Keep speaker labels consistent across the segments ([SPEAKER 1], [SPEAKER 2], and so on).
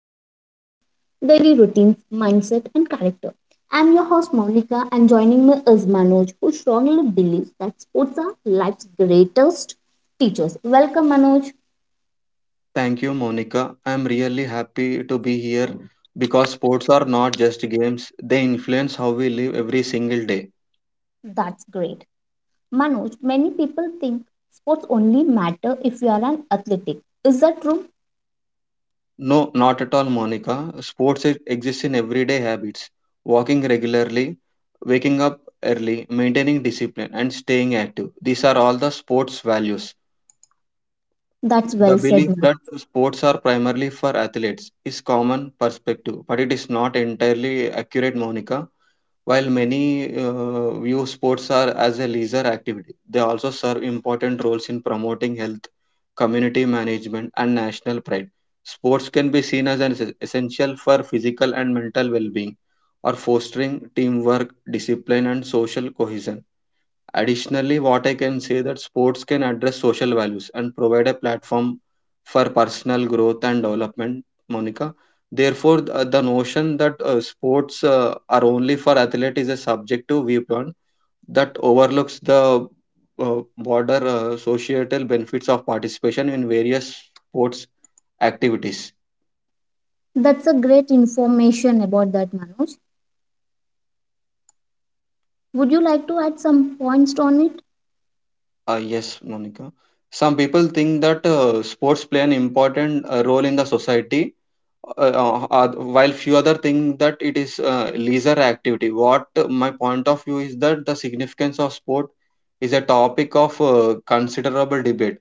[SPEAKER 1] shape our daily routines, mindset, and character. I'm your host, Monica, and joining me is Manoj, who strongly believes that sports are life's greatest teachers. Welcome, Manoj.
[SPEAKER 2] Thank you, Monica. I'm really happy to be here because sports are not just games, they influence how we live every single day.
[SPEAKER 1] That's great. Manoj, many people think sports only matter if you are an athletic. Is that true?
[SPEAKER 2] No, not at all, Monica. Sports exist in everyday habits, walking regularly, waking up early, maintaining discipline, and staying active. These are all the sports values.
[SPEAKER 1] That's
[SPEAKER 2] The
[SPEAKER 1] well said,
[SPEAKER 2] belief
[SPEAKER 1] Manoj.
[SPEAKER 2] that sports are primarily for athletes is common perspective, but it is not entirely accurate, Monica. While many view sports are as a leisure activity, they also serve important roles in promoting health, community management, and national pride. Sports can be seen as an essential for physical and mental well being or fostering teamwork, discipline, and social cohesion. Additionally, what I can say that sports can address social values and provide a platform for personal growth and development, Monica. Therefore, the notion that sports are only for athletes is a subjective viewpoint that overlooks the broader societal benefits of participation in various sports activities.
[SPEAKER 1] That's a great information about that, Manoj. Would you like to add some points on it?
[SPEAKER 2] Yes, Monica. Some people think that sports play an important role in the society, uh, uh, while few other think that it is leisure activity. What my point of view is that the significance of sport is a topic of considerable debate.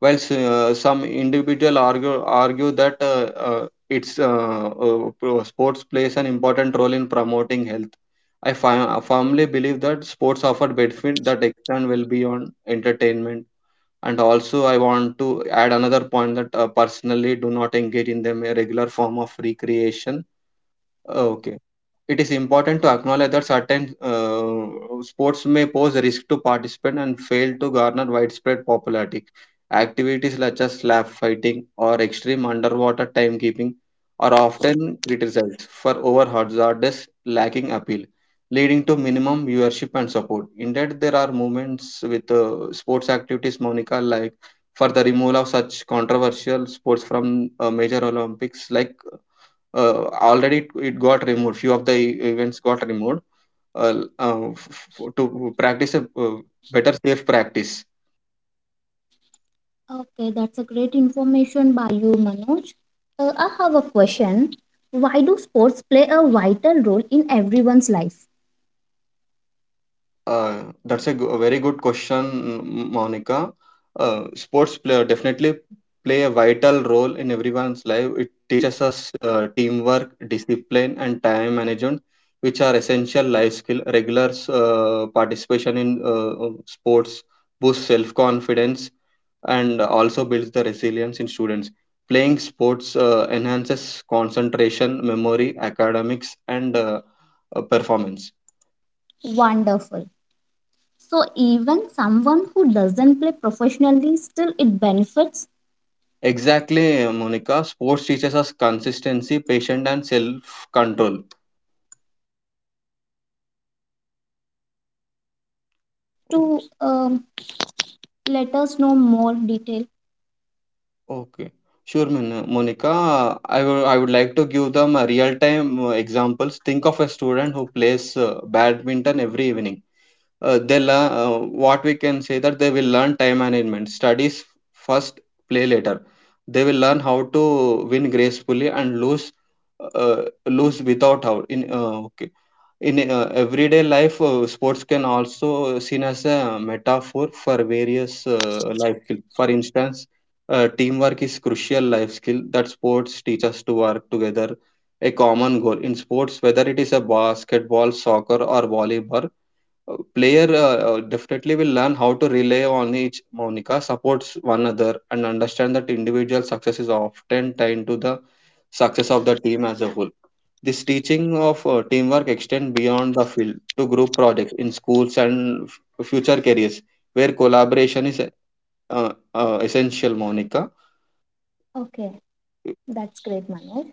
[SPEAKER 2] While some individual argue that its sports plays an important role in promoting health, I firmly believe that sports offer benefit that extend well beyond entertainment. And also I want to add another point that personally do not engage in them a regular form of recreation. Okay, it is important to acknowledge that certain sports may pose risk to participants and fail to garner widespread popularity. Activities such as slab fighting or extreme underwater timekeeping are often criticized for over hazardous lacking appeal, leading to minimum viewership and support. Indeed, there are movements with sports activities, Monica, like for the removal of such controversial sports from major Olympics, like uh, already it got removed, few of the events got removed, uh, uh, f- to practice a better safe practice.
[SPEAKER 1] Okay, that's a great information by you, Manoj. I have a question. Why do sports play a vital role in everyone's life?
[SPEAKER 2] uh, that's a, a very good question, Monica. Sports player definitely play a vital role in everyone's life. It teaches us teamwork, discipline, and time management, which are essential life skill. Regular participation in sports boosts self confidence and also builds the resilience in students. Playing sports enhances concentration, memory, academics, and performance.
[SPEAKER 1] Wonderful. So even someone who doesn't play professionally, still it benefits?
[SPEAKER 2] Exactly, Monica. Sports teaches us consistency, patience, and self control.
[SPEAKER 1] Well said. Can you give us a real life examples, Manoj, to let us know more detail?
[SPEAKER 2] Okay, sure, Monica. I would like to give them real time examples. Think of a student who plays badminton every evening. They learn, what we can say, that they will learn time management, studies first, play later. They will learn how to win gracefully and lose, lose without out in, okay, in everyday life. Sports can also seen as a metaphor for various life skill. For instance, teamwork is crucial life skill that sports teach us to work together a common goal. In sports, whether it is a basketball, soccer or volleyball, player definitely will learn how to rely on each, Monica, supports one another and understand that individual success is often tied to the success of the team as a whole. This teaching of teamwork extend beyond the field to group projects in schools and future careers, where collaboration is essential, Monica.
[SPEAKER 1] Okay, that's great, Manoj.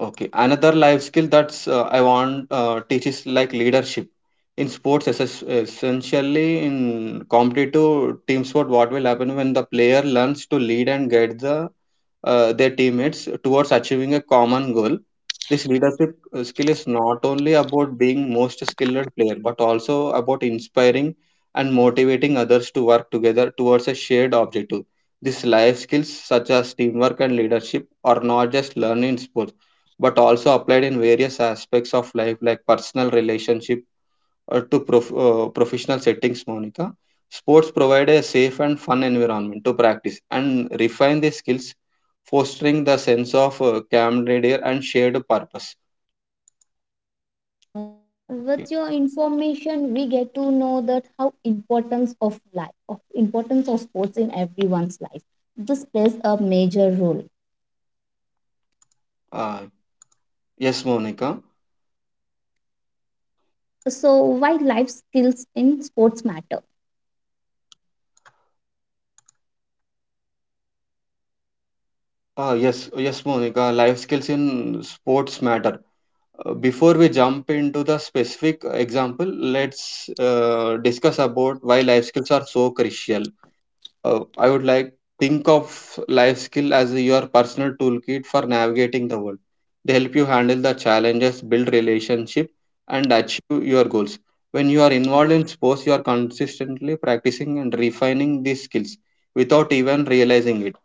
[SPEAKER 2] Okay, another life skill that's, I want, teaches like leadership in sports, essentially in competitive team sport. What will happen when the player learns to lead and guide the their teammates towards achieving a common goal. This leadership skill is not only about being most skilled player but also about inspiring and motivating others to work together towards a shared objective. These life skills such as teamwork and leadership are not just learned in sports but also applied in various aspects of life, like personal relationship, professional settings, Monica. Sports provide a safe and fun environment to practice and refine their skills, fostering the sense of camaraderie and shared purpose.
[SPEAKER 1] Well, Manoj, but
[SPEAKER 2] Okay.
[SPEAKER 1] with your information, we get to know that how importance of life, of importance of sports in everyone's life. This plays a major role.
[SPEAKER 2] Uh, yes, Monica.
[SPEAKER 1] So, why life skills in sports matter?
[SPEAKER 2] Yes, Monica. Life skills in sports matter. Before we jump into the specific example, let's discuss about why life skills are so crucial. I would like, think of life skill as your personal toolkit for navigating the world. They help you handle the challenges, build relationship, and achieve your goals. When you are involved in sports, you are consistently practicing and refining these skills without even realizing it.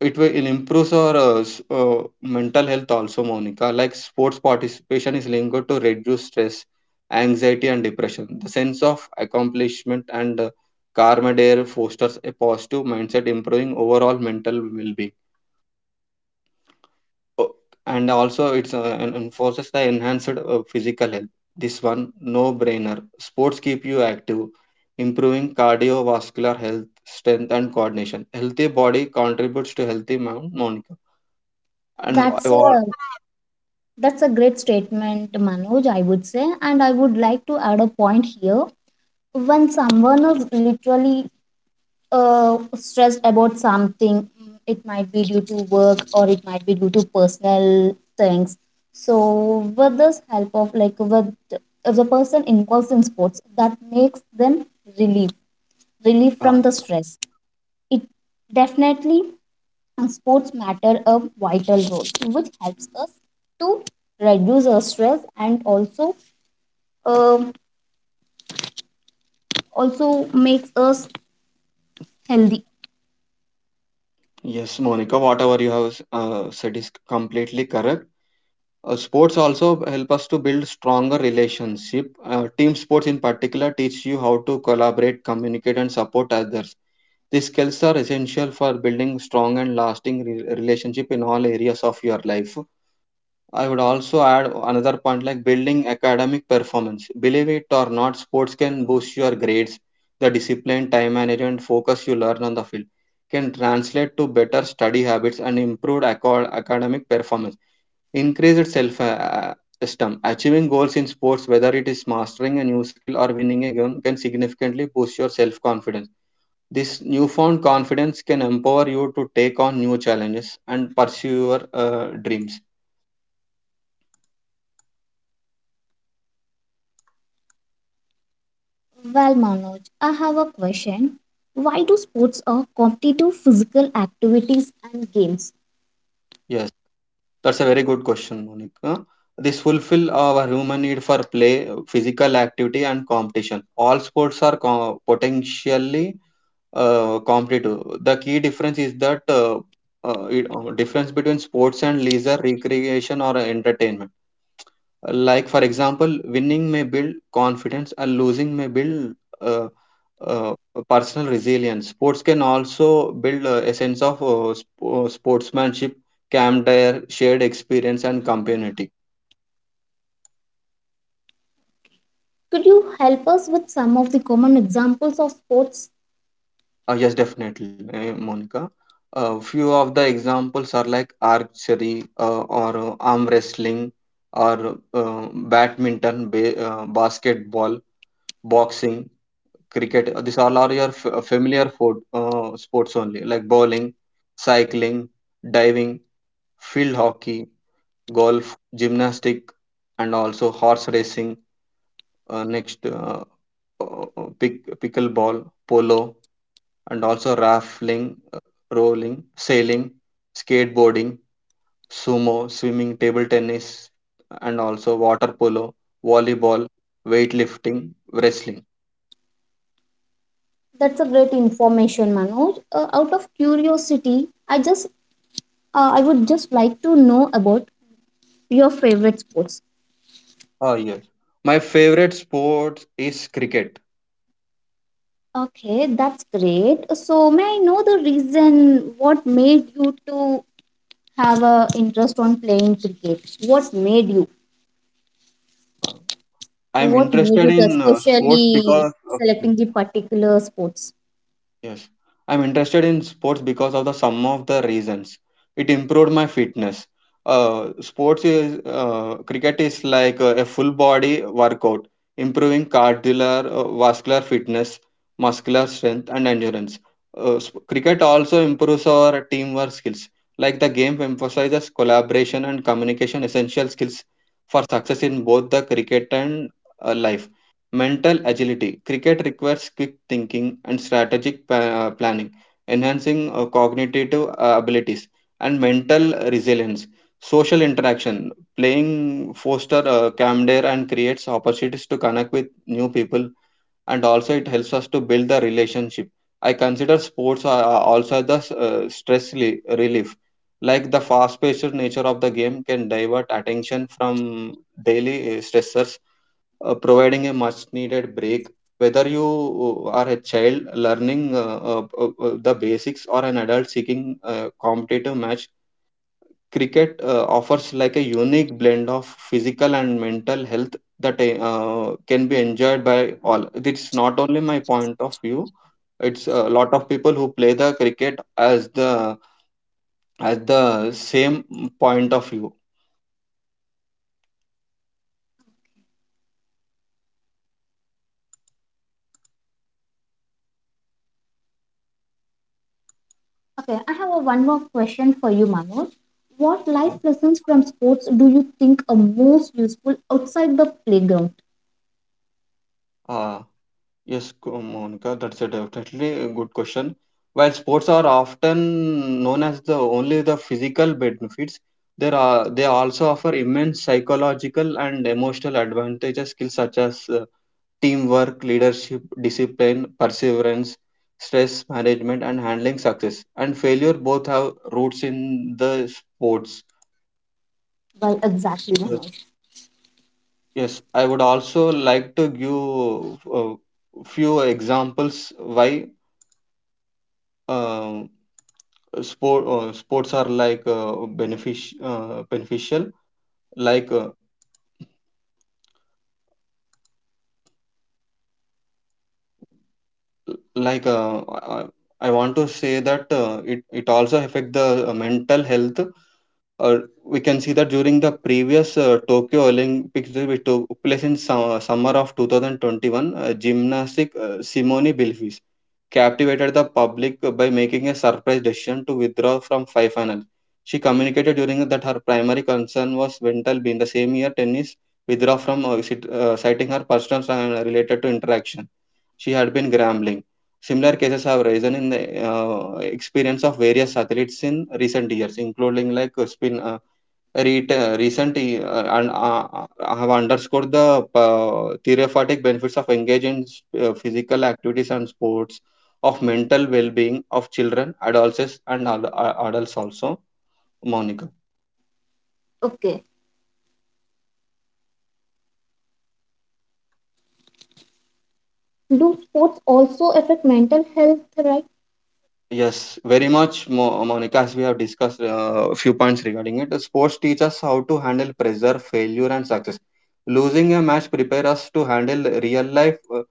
[SPEAKER 2] It will improve our mental health also, Monica. Like sports participation is linked to reduce stress, anxiety and depression. The sense of accomplishment and karma dare fosters a positive mindset, improving overall mental well-being. Oh, and also it's enforces the enhanced physical health. This one, no brainer. Sports keep you active, improving cardiovascular health, strength and coordination. Healthy body contributes to healthy mind, Monica. And
[SPEAKER 1] That's a that's a great statement, Manoj. I would say, and I would like to add a point here. When someone is literally stressed about something, it might be due to work or it might be due to personal things. So, with this help of like with if the person involves in sports, that makes them relief, relief
[SPEAKER 2] uh,
[SPEAKER 1] from the stress. It definitely sports matter a vital role, which helps us to reduce our stress and also um, also makes us healthy.
[SPEAKER 2] yes, Monica, whatever you have said is completely correct. Sports also help us to build stronger relationship. Team sports in particular teach you how to collaborate, communicate, and support others. These skills are essential for building strong and lasting relationship in all areas of your life. I would also add another point like building academic performance. Believe it or not, sports can boost your grades. The discipline, time management, focus you learn on the field can translate to better study habits and improved academic performance. Increased self esteem. Achieving goals in sports, whether it is mastering a new skill or winning a game, can significantly boost your self confidence. This newfound confidence can empower you to take on new challenges and pursue your dreams.
[SPEAKER 1] Well, Manoj, I have a question. Why do sports are competitive physical activities and games?
[SPEAKER 2] Yes. That's a very good question, Monica. This fulfill our human need for play, physical activity, and competition. All sports are potentially competitive. The key difference is that difference between sports and leisure, recreation, or entertainment. Like for example, winning may build confidence and losing may build uh, uh, personal resilience. Sports can also build a sense of sportsmanship, camaraderie, shared experience and community.
[SPEAKER 1] Could you help us with some of the common examples of sports?
[SPEAKER 2] Yes, definitely, Monica. Few of the examples are like archery, or arm wrestling, or badminton, basketball, boxing, cricket. These all are your familiar sports only, like bowling, cycling, diving, field hockey, golf, gymnastic, and also horse racing. Next, uh, pickleball, polo, and also raffling, rolling, sailing, skateboarding, sumo, swimming, table tennis, and also water polo, volleyball, weightlifting, wrestling.
[SPEAKER 1] That's a great information, Manoj. Out of curiosity, I would just like to know about your favorite sports.
[SPEAKER 2] Oh, yes. My favorite sport is cricket.
[SPEAKER 1] Okay, that's great. So may I know the reason what made you to have a interest on playing cricket? What made you?
[SPEAKER 2] Uh, I'm
[SPEAKER 1] What made
[SPEAKER 2] interested
[SPEAKER 1] you to
[SPEAKER 2] in sports
[SPEAKER 1] especially
[SPEAKER 2] because of, Hmm.
[SPEAKER 1] selecting the particular sports?
[SPEAKER 2] Yes, I'm interested in sports because of the sum of the reasons. It improved my fitness. Sports is cricket is like a full body workout, improving cardiovascular vascular fitness, muscular strength, and endurance. Cricket also improves our teamwork skills. Like the game emphasizes collaboration and communication, essential skills for success in both the cricket and life. Mental agility. Cricket requires quick thinking and strategic planning, enhancing cognitive abilities and mental resilience. Social interaction. Playing foster camaraderie and creates opportunities to connect with new people, and also it helps us to build the relationship. I consider sports are also the uh, stress reli- relief. Like the fast-paced nature of the game can divert attention from daily stressors, providing a much needed break. Whether you are a child learning the basics or an adult seeking a competitive match, cricket offers like a unique blend of physical and mental health that can be enjoyed by all. It's not only my point of view, it's a lot of people who play the cricket as the, as the same point of view.
[SPEAKER 1] Okay, I have a one more question for you, Manoj. What life lessons from sports do you think are most useful outside the playground?
[SPEAKER 2] uh, Yes, Monica, that's a definitely a good question. While sports are often known as the only the physical benefits, there are, they also offer immense psychological and emotional advantages. Skills such as teamwork, leadership, discipline, perseverance, stress management, and handling success and failure both have roots in the sports.
[SPEAKER 1] Well, exactly,
[SPEAKER 2] Yes,
[SPEAKER 1] Manoj.
[SPEAKER 2] yes, I would also like to give a few examples why. um Sports are like beneficial, like uh, I want to say that it also affect the mental health. Uh, we can see that during the previous Tokyo Olympics, which took place in summer of 2021, gymnastic Simone Bilfis captivated the public by making a surprise decision to withdraw from five finals. She communicated during that her primary concern was mental. In the same year tennis withdrew from citing her personal related to interaction. She had been gambling. Similar cases have risen in the experience of various athletes in recent years, including recent and have underscored the therapeutic benefits of engaging in physical activities and sports, of mental well-being of children, adolescents, and adults also. Monica,
[SPEAKER 1] Okay. Do sports also affect mental health, right?
[SPEAKER 2] yes, very much, Monica. As we have discussed a few points regarding it, the sports teach us how to handle pressure, failure, and success. Losing a match prepare us to handle real life, uh,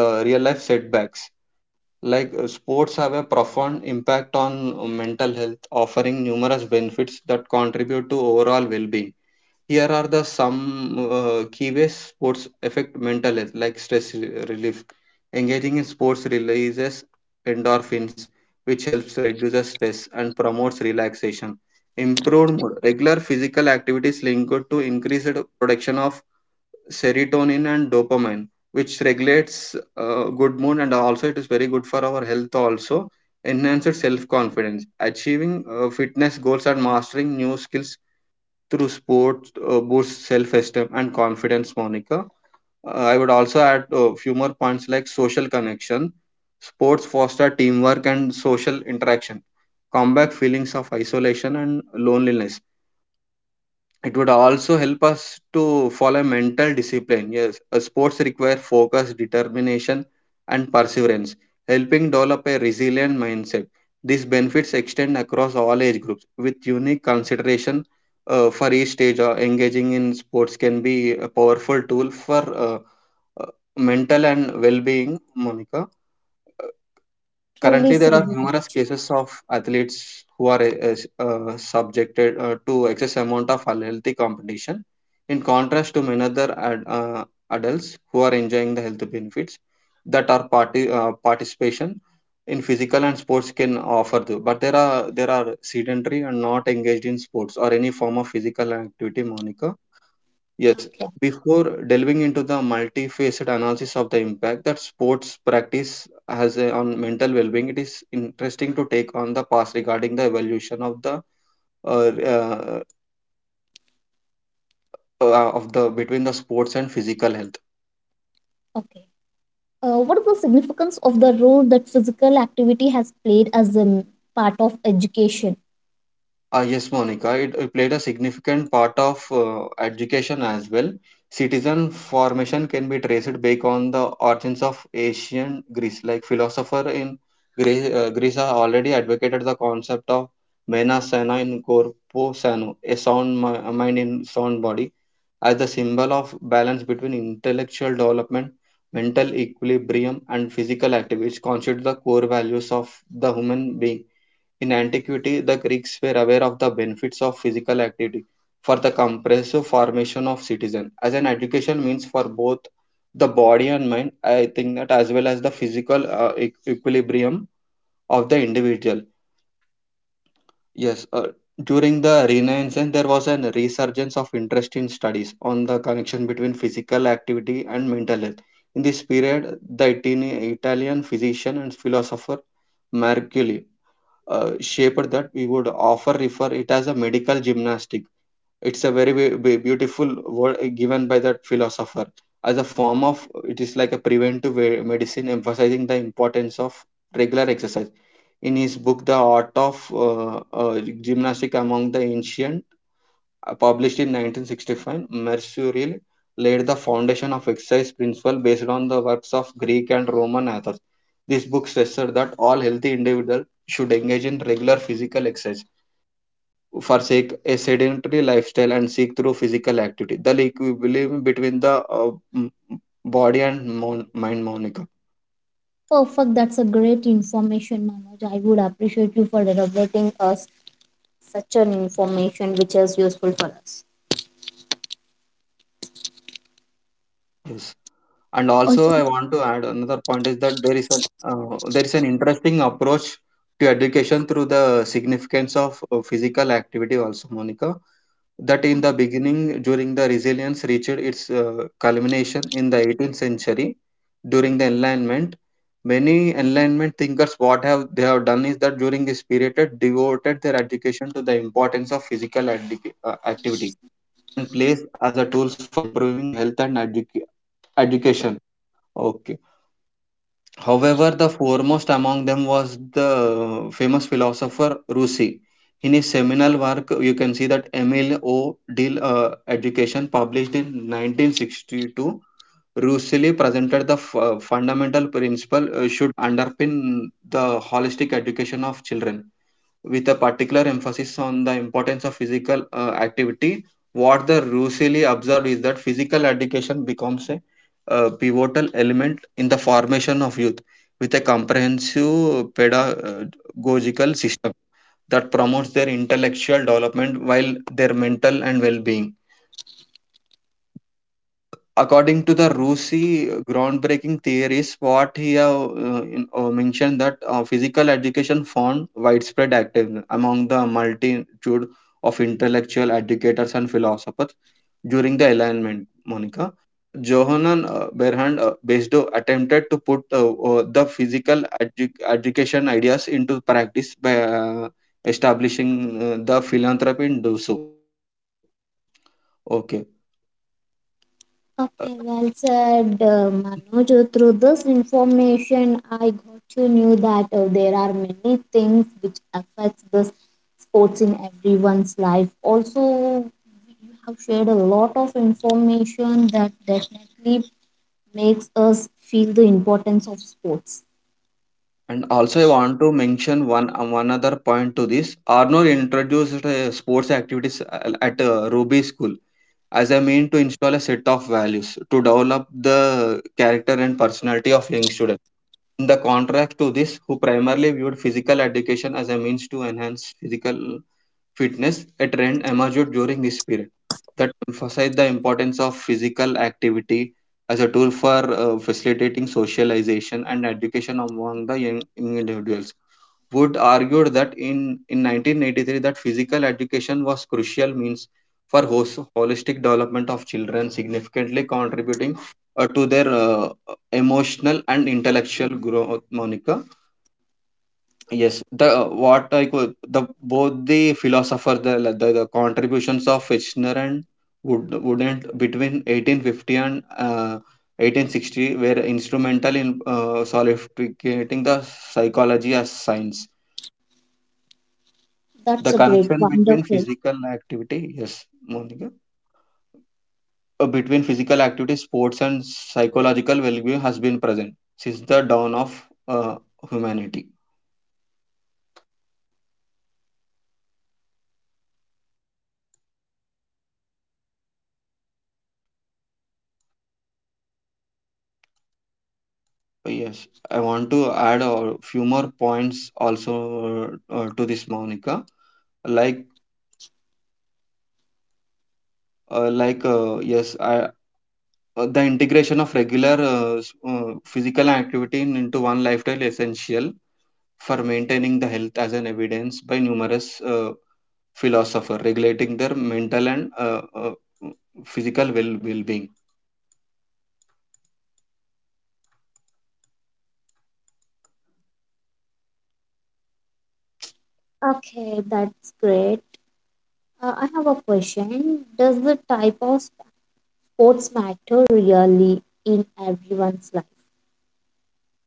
[SPEAKER 2] uh, real life setbacks. Sports have a profound impact on mental health, offering numerous benefits that contribute to overall well being. Here are the some key ways sports affect mental health, like relief. Engaging in sports releases endorphins, which helps reduce the stress and promotes relaxation. Improved mood. Regular physical activities linked to increased production of serotonin and dopamine, which regulates good mood, and also it is very good for our health also. Enhances self confidence. Achieving fitness goals and mastering new skills through sports boosts self esteem and confidence, monica. I would also add a few more points like social connection. Sports foster teamwork and social interaction, combat feelings of isolation and loneliness. It would also help us to follow mental discipline. Yes, a sports require focus, determination, and perseverance, helping develop a resilient mindset. These benefits extend across all age groups with unique consideration for each stage. Engaging in sports can be a powerful tool for uh, mental and well-being, monica.
[SPEAKER 1] Truly
[SPEAKER 2] Currently, there are
[SPEAKER 1] said that.
[SPEAKER 2] numerous cases of athletes who are subjected to excess amount of unhealthy competition, in contrast to many other adults who are enjoying the health benefits that our party participation in physical and sports can offer. Though. But there are sedentary and not engaged in sports or any form of physical activity, Monica. Yes,
[SPEAKER 1] Okay,
[SPEAKER 2] before delving into the multifaceted analysis of the impact that sports practice has on mental well-being, it is interesting to take on the past regarding the evolution of uh, uh, the between the sports and physical health.
[SPEAKER 1] okay. What is the significance of the role that physical activity has played as a part of education?
[SPEAKER 2] Ah, yes, Monica, it played a significant part of education as well. Citizen formation can be traced back on the origins of ancient Greece. Like philosopher in Greece, Greece have already advocated the concept of mena sana in corpo sano, a sound mind in sound body, as the symbol of balance between intellectual development, mental equilibrium, and physical activity, which constitute the core values of the human being in antiquity. The Greeks were aware of the benefits of physical activity for the comprehensive formation of citizen as an education means for both the body and mind. I think that as well as the physical equilibrium of the individual. Yes, during the Renaissance, there was a resurgence of interest in studies on the connection between physical activity and mental health. In this period, the Italian physician and philosopher Mercury shape that we would offer refer it as a medical gymnastic. It's a very beautiful word given by that philosopher as a form of, it is like a preventive eh, medicine emphasizing the importance of regular exercise in his book the art of uh, uh, gymnastic among the ancient Published in 1965, Mercurial laid the foundation of exercise principle based on the works of Greek and Roman authors. This book stressed that all healthy individuals should engage in regular physical exercise, forsake a sedentary lifestyle, and seek through physical activity the equilibrium between the body and mind. Monica.
[SPEAKER 1] Perfect. That's a great information, Manoj. I would appreciate you for elaborating us such an information which is useful for us.
[SPEAKER 2] Yes. And also,
[SPEAKER 1] Also,
[SPEAKER 2] I want to add another point is that there is an interesting approach to education through the significance of physical activity. Also, Monica, that in the beginning during the resilience reached its culmination in the 18th century during the Enlightenment. Many Enlightenment thinkers what have they have done is that during this period they devoted their education to the importance of activity and place as a tools for improving health and education. Okay. However, the foremost among them was the famous philosopher Rousseau. In his seminal work, you can see that Emil O. Dill Education, published in 1962, Rousseau presented the fundamental principle should underpin the holistic education of children with a particular emphasis on the importance of physical activity. What the Russelli observed is that physical education becomes a pivotal element in the formation of youth with a comprehensive pedagogical system that promotes their intellectual development while their mental and well being, according to the Rusi groundbreaking theories, what he have mentioned that physical education found widespread active among the multitude of intellectual educators and philosophers during the Enlightenment. Monica. Johann Berhand Besdo attempted to put the education ideas into practice by establishing the philanthropy in Dosso. Okay.
[SPEAKER 1] okay, well said, Manoj. Through this information, I got to know that there are many things which affects this sports in everyone's life. Also, you have shared a lot of information that definitely makes us feel the importance of sports.
[SPEAKER 2] And also, I want to mention one other point to this. Arnold introduced sports activities at Ruby School as a mean to install a set of values to develop the character and personality of young students. In the contrast to this, who primarily viewed physical education as a means to enhance physical fitness, a trend emerged during this period that emphasized the importance of physical activity as a tool for facilitating socialization and education among the young individuals would argued that in 1983 that physical education was crucial means for holistic development of children, significantly contributing to their emotional and intellectual growth, monica. Yes, the what I could the both the philosopher, the contributions of Fichtner and Wood wouldn't between 1850 and 1860 were instrumental in solidificating the psychology as science, the
[SPEAKER 1] That's a great,
[SPEAKER 2] connection between
[SPEAKER 1] wonderful.
[SPEAKER 2] physical activity, yes monica, between physical activity sports and psychological well-being has been present since the dawn of uh, humanity.
[SPEAKER 1] Does this type of sport matter really, Manoj?
[SPEAKER 2] Yes, I want to add a few more points also uh, to this, monica. like yes, I the integration of regular physical activity into one lifestyle is essential for maintaining the health as an evidence by numerous uh, philosopher regulating their mental and physical well-being.
[SPEAKER 1] Okay, that's great. I have a question. Does the type of sports matter really in everyone's life?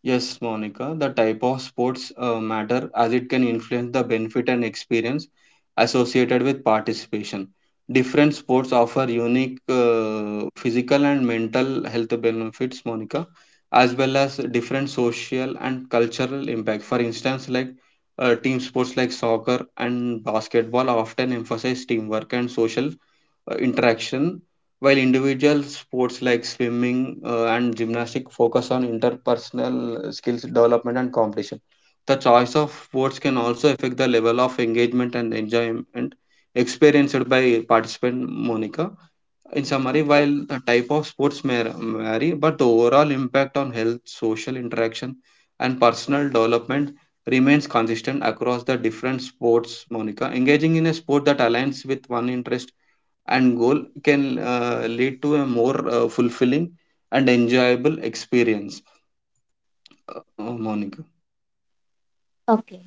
[SPEAKER 2] Yes monica, the type of sports matter as it can influence the benefit and experience associated with participation. Different sports offer unique physical and mental health benefits, monica, as well as different social and cultural impact. For instance, team sports like soccer and basketball often emphasize teamwork and social interaction, while individual sports like swimming and gymnastics focus on interpersonal skills development and competition. The choice of sports can also affect the level of engagement and enjoyment experienced by participant, Monica. In summary, while the type of sports may vary, but the overall impact on health, social interaction, and personal development remains consistent across the different sports, monica. Engaging in a sport that aligns with one interest and goal can lead to a more fulfilling and enjoyable experience. Monica.
[SPEAKER 1] Okay.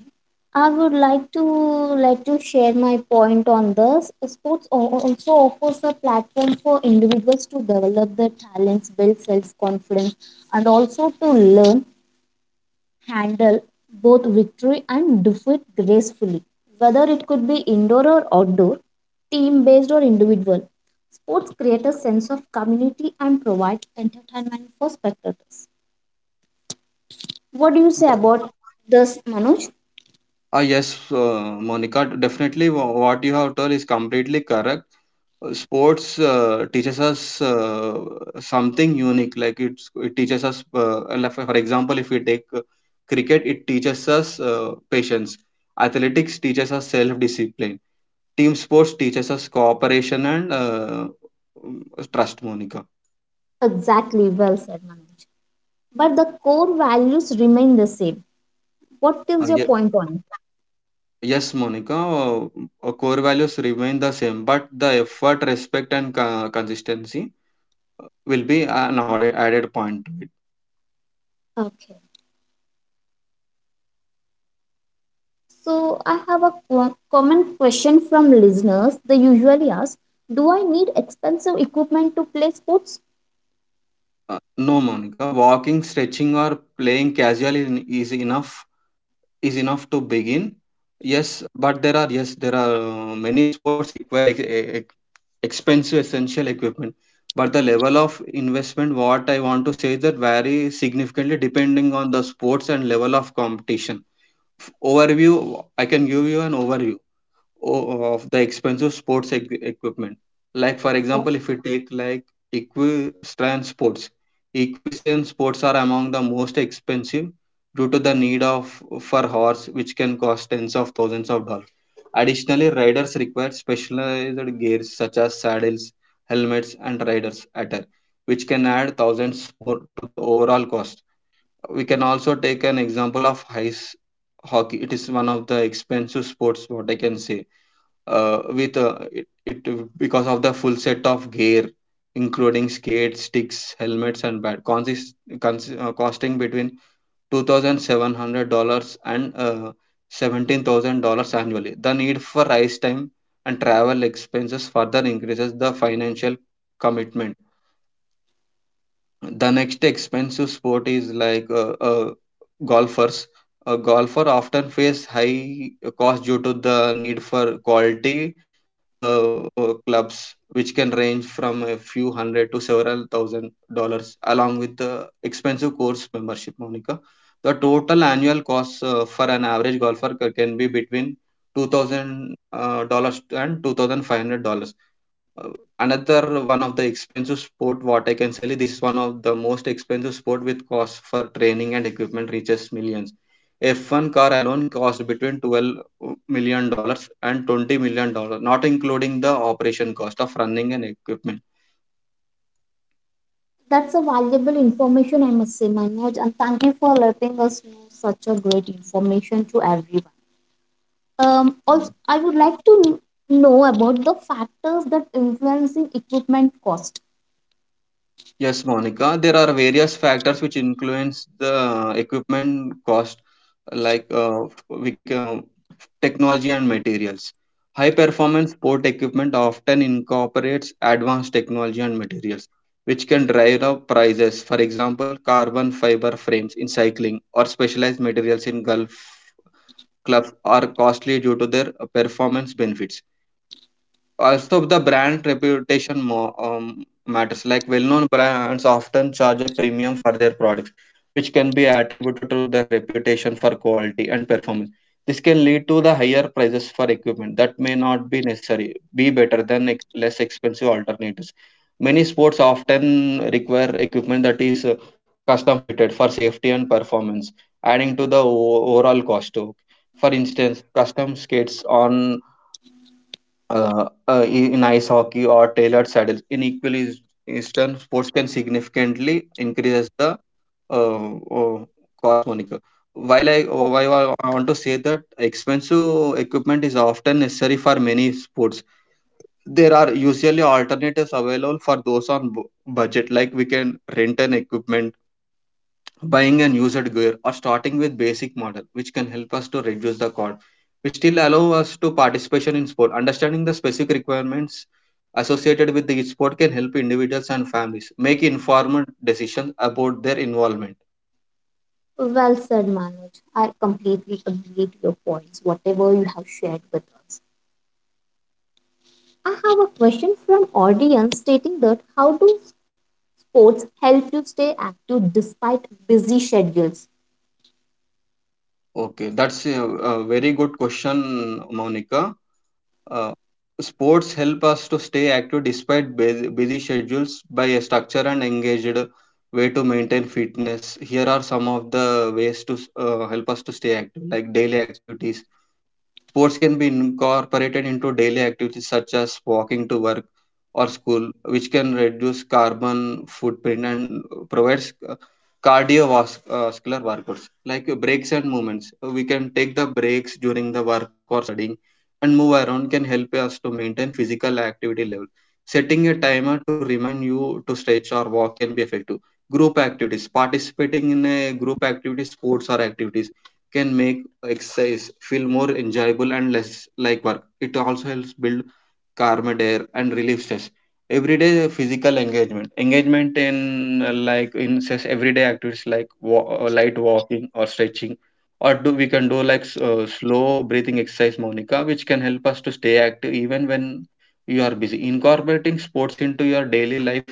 [SPEAKER 1] I would like to let you share my point on this. Sports also offers a platform for individuals to develop their talents, build self confidence, and also to learn handle both victory and defeat gracefully, whether it could be indoor or outdoor, team based or individual. Sports create a sense of community and provide entertainment for spectators. What do you say about this, Manoj?
[SPEAKER 2] Ah, yes, Monica, definitely what you have told is completely correct. Sports teaches us something unique. Like it teaches us, like for example, if we take cricket, it teaches us patience. Athletics teaches us self-discipline. Team sports teaches us cooperation and trust, Monica.
[SPEAKER 1] Exactly, well said, Manoj. But the core values remain the same. What
[SPEAKER 2] Ah,
[SPEAKER 1] is your
[SPEAKER 2] yes.
[SPEAKER 1] point on
[SPEAKER 2] Yes, Monica, core values remain the same, but the effort, respect, and consistency will be an added point to it.
[SPEAKER 1] it? Okay. So, I have a common question from listeners. They usually ask, do I need expensive equipment to play sports?
[SPEAKER 2] No, Monica, walking, stretching, or playing casual is enough to begin. Yes, but there are, yes there are many sports require expensive essential equipment. But the level of investment, what I want to say is that vary significantly depending on the sports and level of competition. Overview I can give you an overview of the expensive sports equipment. Like for example, if you take like equestrian sports. Equestrian sports are among the most expensive due to the need of for horse, which can cost tens of thousands of dollars. Additionally, riders require specialized gears such as saddles, helmets, and riders attire, which can add thousands more to the overall cost. We can also take an example of ice hockey. It is one of the expensive sports, what I can say, with it, it because of the full set of gear including skates, sticks, helmets, and bat costing between $2,700 and $17,000 annually. The need for ice time and travel expenses further increases the financial commitment. The next expensive sport is like, golfers. A golfer often face high cost due to the need for quality clubs, which can range from a few hundred to several thousand dollars, along with the expensive course membership. Monica, the total annual cost for an average golfer can be between 2,000 dollars and $2,500. uh, Another one of the expensive sport, what I can say, this is one of the most expensive sport with cost for training and equipment reaches millions. F1 car alone cost between $12 million and $20 million, not including the operation cost of running and equipment.
[SPEAKER 1] That's a valuable information, I must say, Manoj, and thank you for letting us know such a great information to everyone. Also, I would like to know about the factors that influencing equipment cost.
[SPEAKER 2] Yes, Monica, there are various factors which influence the equipment cost, like we can, uh, technology and materials. High performance sport equipment often incorporates advanced technology and materials, which can drive up prices. For example, carbon fiber frames in cycling or specialized materials in golf clubs are costly due to their performance benefits. Also, the brand reputation more, matters. Like well-known brands often charge a premium for their products, which can be attributed to their reputation for quality and performance. This can lead to the higher prices for equipment that may not be necessary, be better than less expensive alternatives. Many sports often require equipment that is custom fitted for safety and performance, adding to the overall cost too. For instance, custom skates on uh, in ice hockey or tailored saddles. In equally eastern sports can significantly increase the uh, uh, cost, Monica. While I want to say that expensive equipment is often necessary for many sports, there are usually alternatives available for those on budget. Like, we can rent an equipment, buying an used gear, or starting with basic model, which can help us to reduce the cost, which still allow us to participation in sport. Understanding the specific requirements associated with the sport can help individuals and families make informed decisions about their involvement.
[SPEAKER 1] Well said, Manoj. I completely agree to your points, whatever you have shared with us. I have a question from audience stating that how do sports help you stay active despite busy schedules?
[SPEAKER 2] Okay, that's a very good question, Monica. Uh, Sports help us to stay active despite busy schedules by a structured and engaged way to maintain fitness. Here are some of the ways to help us to stay active, like daily activities. Sports can be incorporated into daily activities such as walking to work or school, which can reduce carbon footprint and provides cardiovascular workouts like breaks and movements. We can take the breaks during the work or studying and move around can help us to maintain physical activity level. Setting a timer to remind you to stretch or walk can be effective. Group activities participating in a group activity, sports or activities can make exercise feel more enjoyable and less like work. It also helps build calmed air and relief stress everyday. Physical engagement in, like in such everyday activities like, light walking or stretching, or do we can do like, slow breathing exercise, Monica, which can help us to stay active even when you are busy. Incorporating sports into your daily life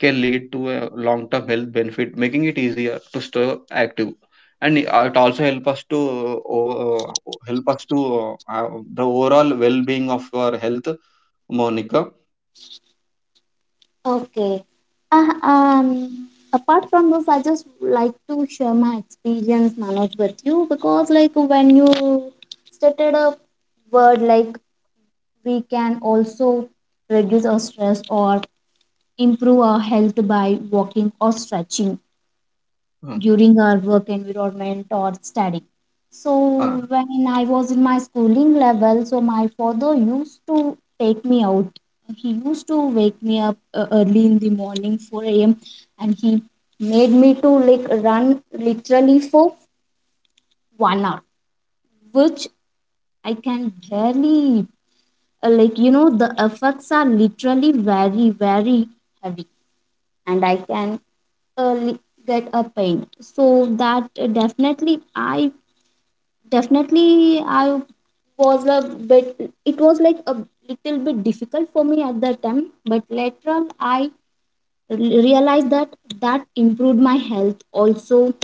[SPEAKER 2] can lead to a long term health benefit, making it easier to stay active. And it also help us to the overall well being of our health, Monica.
[SPEAKER 1] Okay. Apart from this, I just like to share my experience, Manoj, with you because, like, when you stated a word like we can also reduce our stress or improve our health by walking or stretching
[SPEAKER 2] Uh,
[SPEAKER 1] during our work environment or study. So
[SPEAKER 2] uh,
[SPEAKER 1] when I was in my schooling level, so my father used to take me out. He used to wake me up early in the morning, 4 a.m., and he made me to like run literally for 1 hour, which I can barely like the effects are literally very very heavy, and I can uh, li- get a pain. So that definitely I was a bit, it was like a little bit difficult for me at that time, but later on, I realized that that improved my health, also,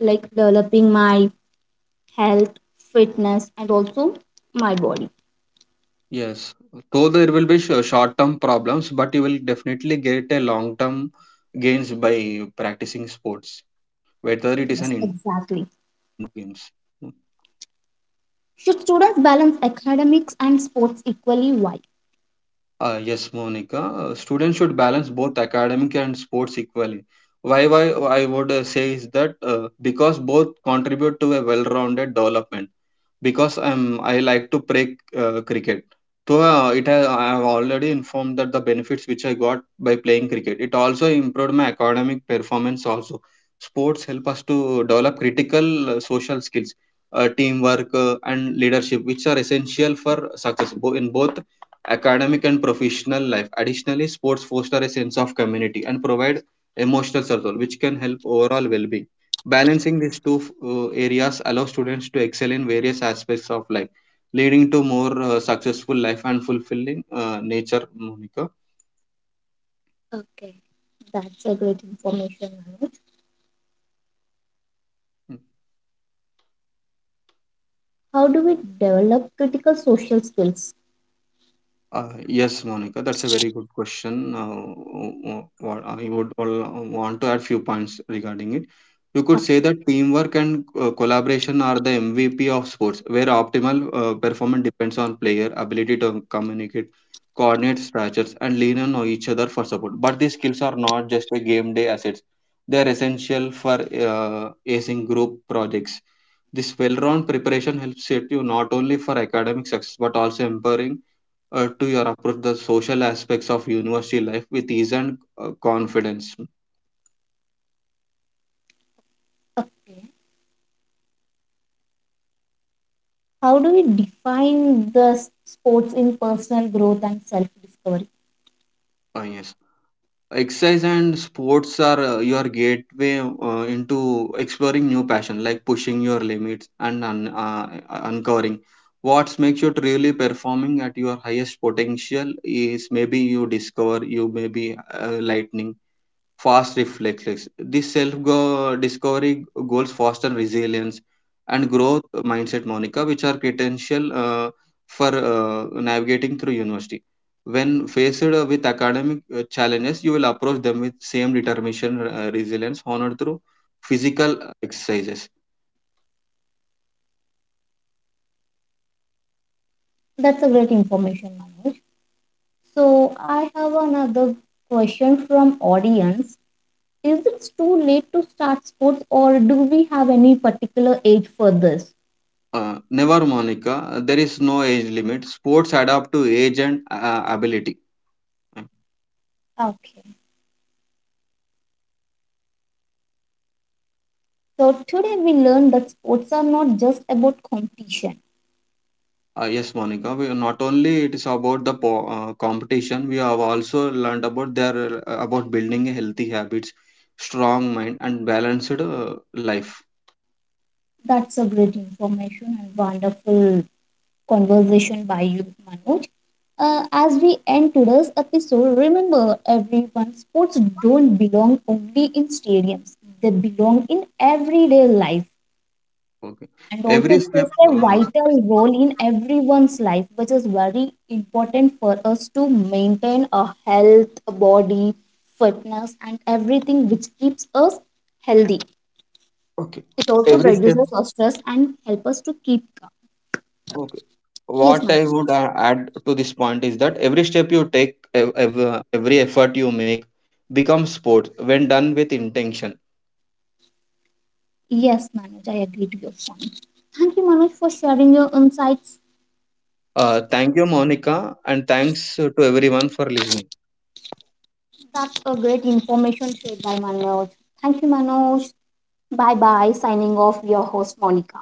[SPEAKER 1] like developing my health, fitness, and also my body.
[SPEAKER 2] yes. Though there will be short-term problems, but you will definitely get a long-term gains by practicing sports, whether it is an
[SPEAKER 1] Yes,
[SPEAKER 2] indoor games
[SPEAKER 1] exactly.
[SPEAKER 2] or outdoor games.
[SPEAKER 1] Should students balance academics and sports equally? Why?
[SPEAKER 2] Yes, Monica. Students should balance both academic and sports equally. Why I would say is that because both contribute to a well-rounded development. Because I like to play cricket. So I have already informed that the benefits which I got by playing cricket. It also improved my academic performance. Also, sports help us to develop critical social skills, teamwork, and leadership, which are essential for success in both academic and professional life. Additionally, sports foster a sense of community and provide emotional support, which can help overall well-being. Balancing these two areas allows students to excel in various aspects of life, leading to more successful life and fulfilling nature, Monica.
[SPEAKER 1] Okay, that's a great information. Manoj.
[SPEAKER 2] Hmm.
[SPEAKER 1] How do we develop critical social skills?
[SPEAKER 2] Yes, Monica, that's a very good question. W- what I would want to add few points regarding it. You could say
[SPEAKER 1] Okay.
[SPEAKER 2] that teamwork and collaboration are the MVP of sports, where optimal performance depends on player ability to communicate, coordinate structures, and lean on each other for support. But these skills are not just a game day assets; they are essential for uh, acing group projects. This well-round preparation helps set you not only for academic success but also empowering to your approach the social aspects of university life with ease and confidence.
[SPEAKER 1] How do we define the sports in personal growth and self discovery?
[SPEAKER 2] Yes, exercise and sports are your gateway into exploring new passion, like pushing your limits and uncovering what makes you truly performing at your highest potential is maybe you discover you may be lightning fast reflexes. This self discovery goals foster resilience and growth mindset, Monica, which are potential for navigating through university. When faced with academic challenges, you will approach them with same determination, resilience, honored through physical exercises.
[SPEAKER 1] That's a great information, Manoj. So I have another question from audience. Is it too late to start sports or do we have any particular age for this?
[SPEAKER 2] Never, Monica, there is no age limit. Sports adapt to age and ability.
[SPEAKER 1] Okay. So today we learned that sports are not just about competition.
[SPEAKER 2] Yes, Monica. We, not only it is about the competition, we have also learned about building a healthy habits, strong mind, and balanced life.
[SPEAKER 1] That's a great information and wonderful conversation by you, Manoj. As we end today's episode, remember everyone, sports don't belong only in stadiums, they belong in everyday life.
[SPEAKER 2] Okay,
[SPEAKER 1] And also,
[SPEAKER 2] every
[SPEAKER 1] it
[SPEAKER 2] step.
[SPEAKER 1] plays a
[SPEAKER 2] Uh,
[SPEAKER 1] vital role in everyone's life, which is very important for us to maintain a health, a body, fitness, and everything which keeps us healthy.
[SPEAKER 2] okay,
[SPEAKER 1] It also
[SPEAKER 2] every step.
[SPEAKER 1] reduces our stress and help us to keep calm.
[SPEAKER 2] Okay,
[SPEAKER 1] Yes,
[SPEAKER 2] what I
[SPEAKER 1] Manoj.
[SPEAKER 2] would add to this point is that every step you take, every effort you make, becomes sport when done with intention.
[SPEAKER 1] Yes, Manoj, I agree to your point. Thank you, Manoj, for sharing your insights.
[SPEAKER 2] Thank you, Monica, and thanks to everyone for listening.
[SPEAKER 1] That's a great information shared by Manoj. Thank you, Manoj. Bye bye. Signing off, your host, Monica.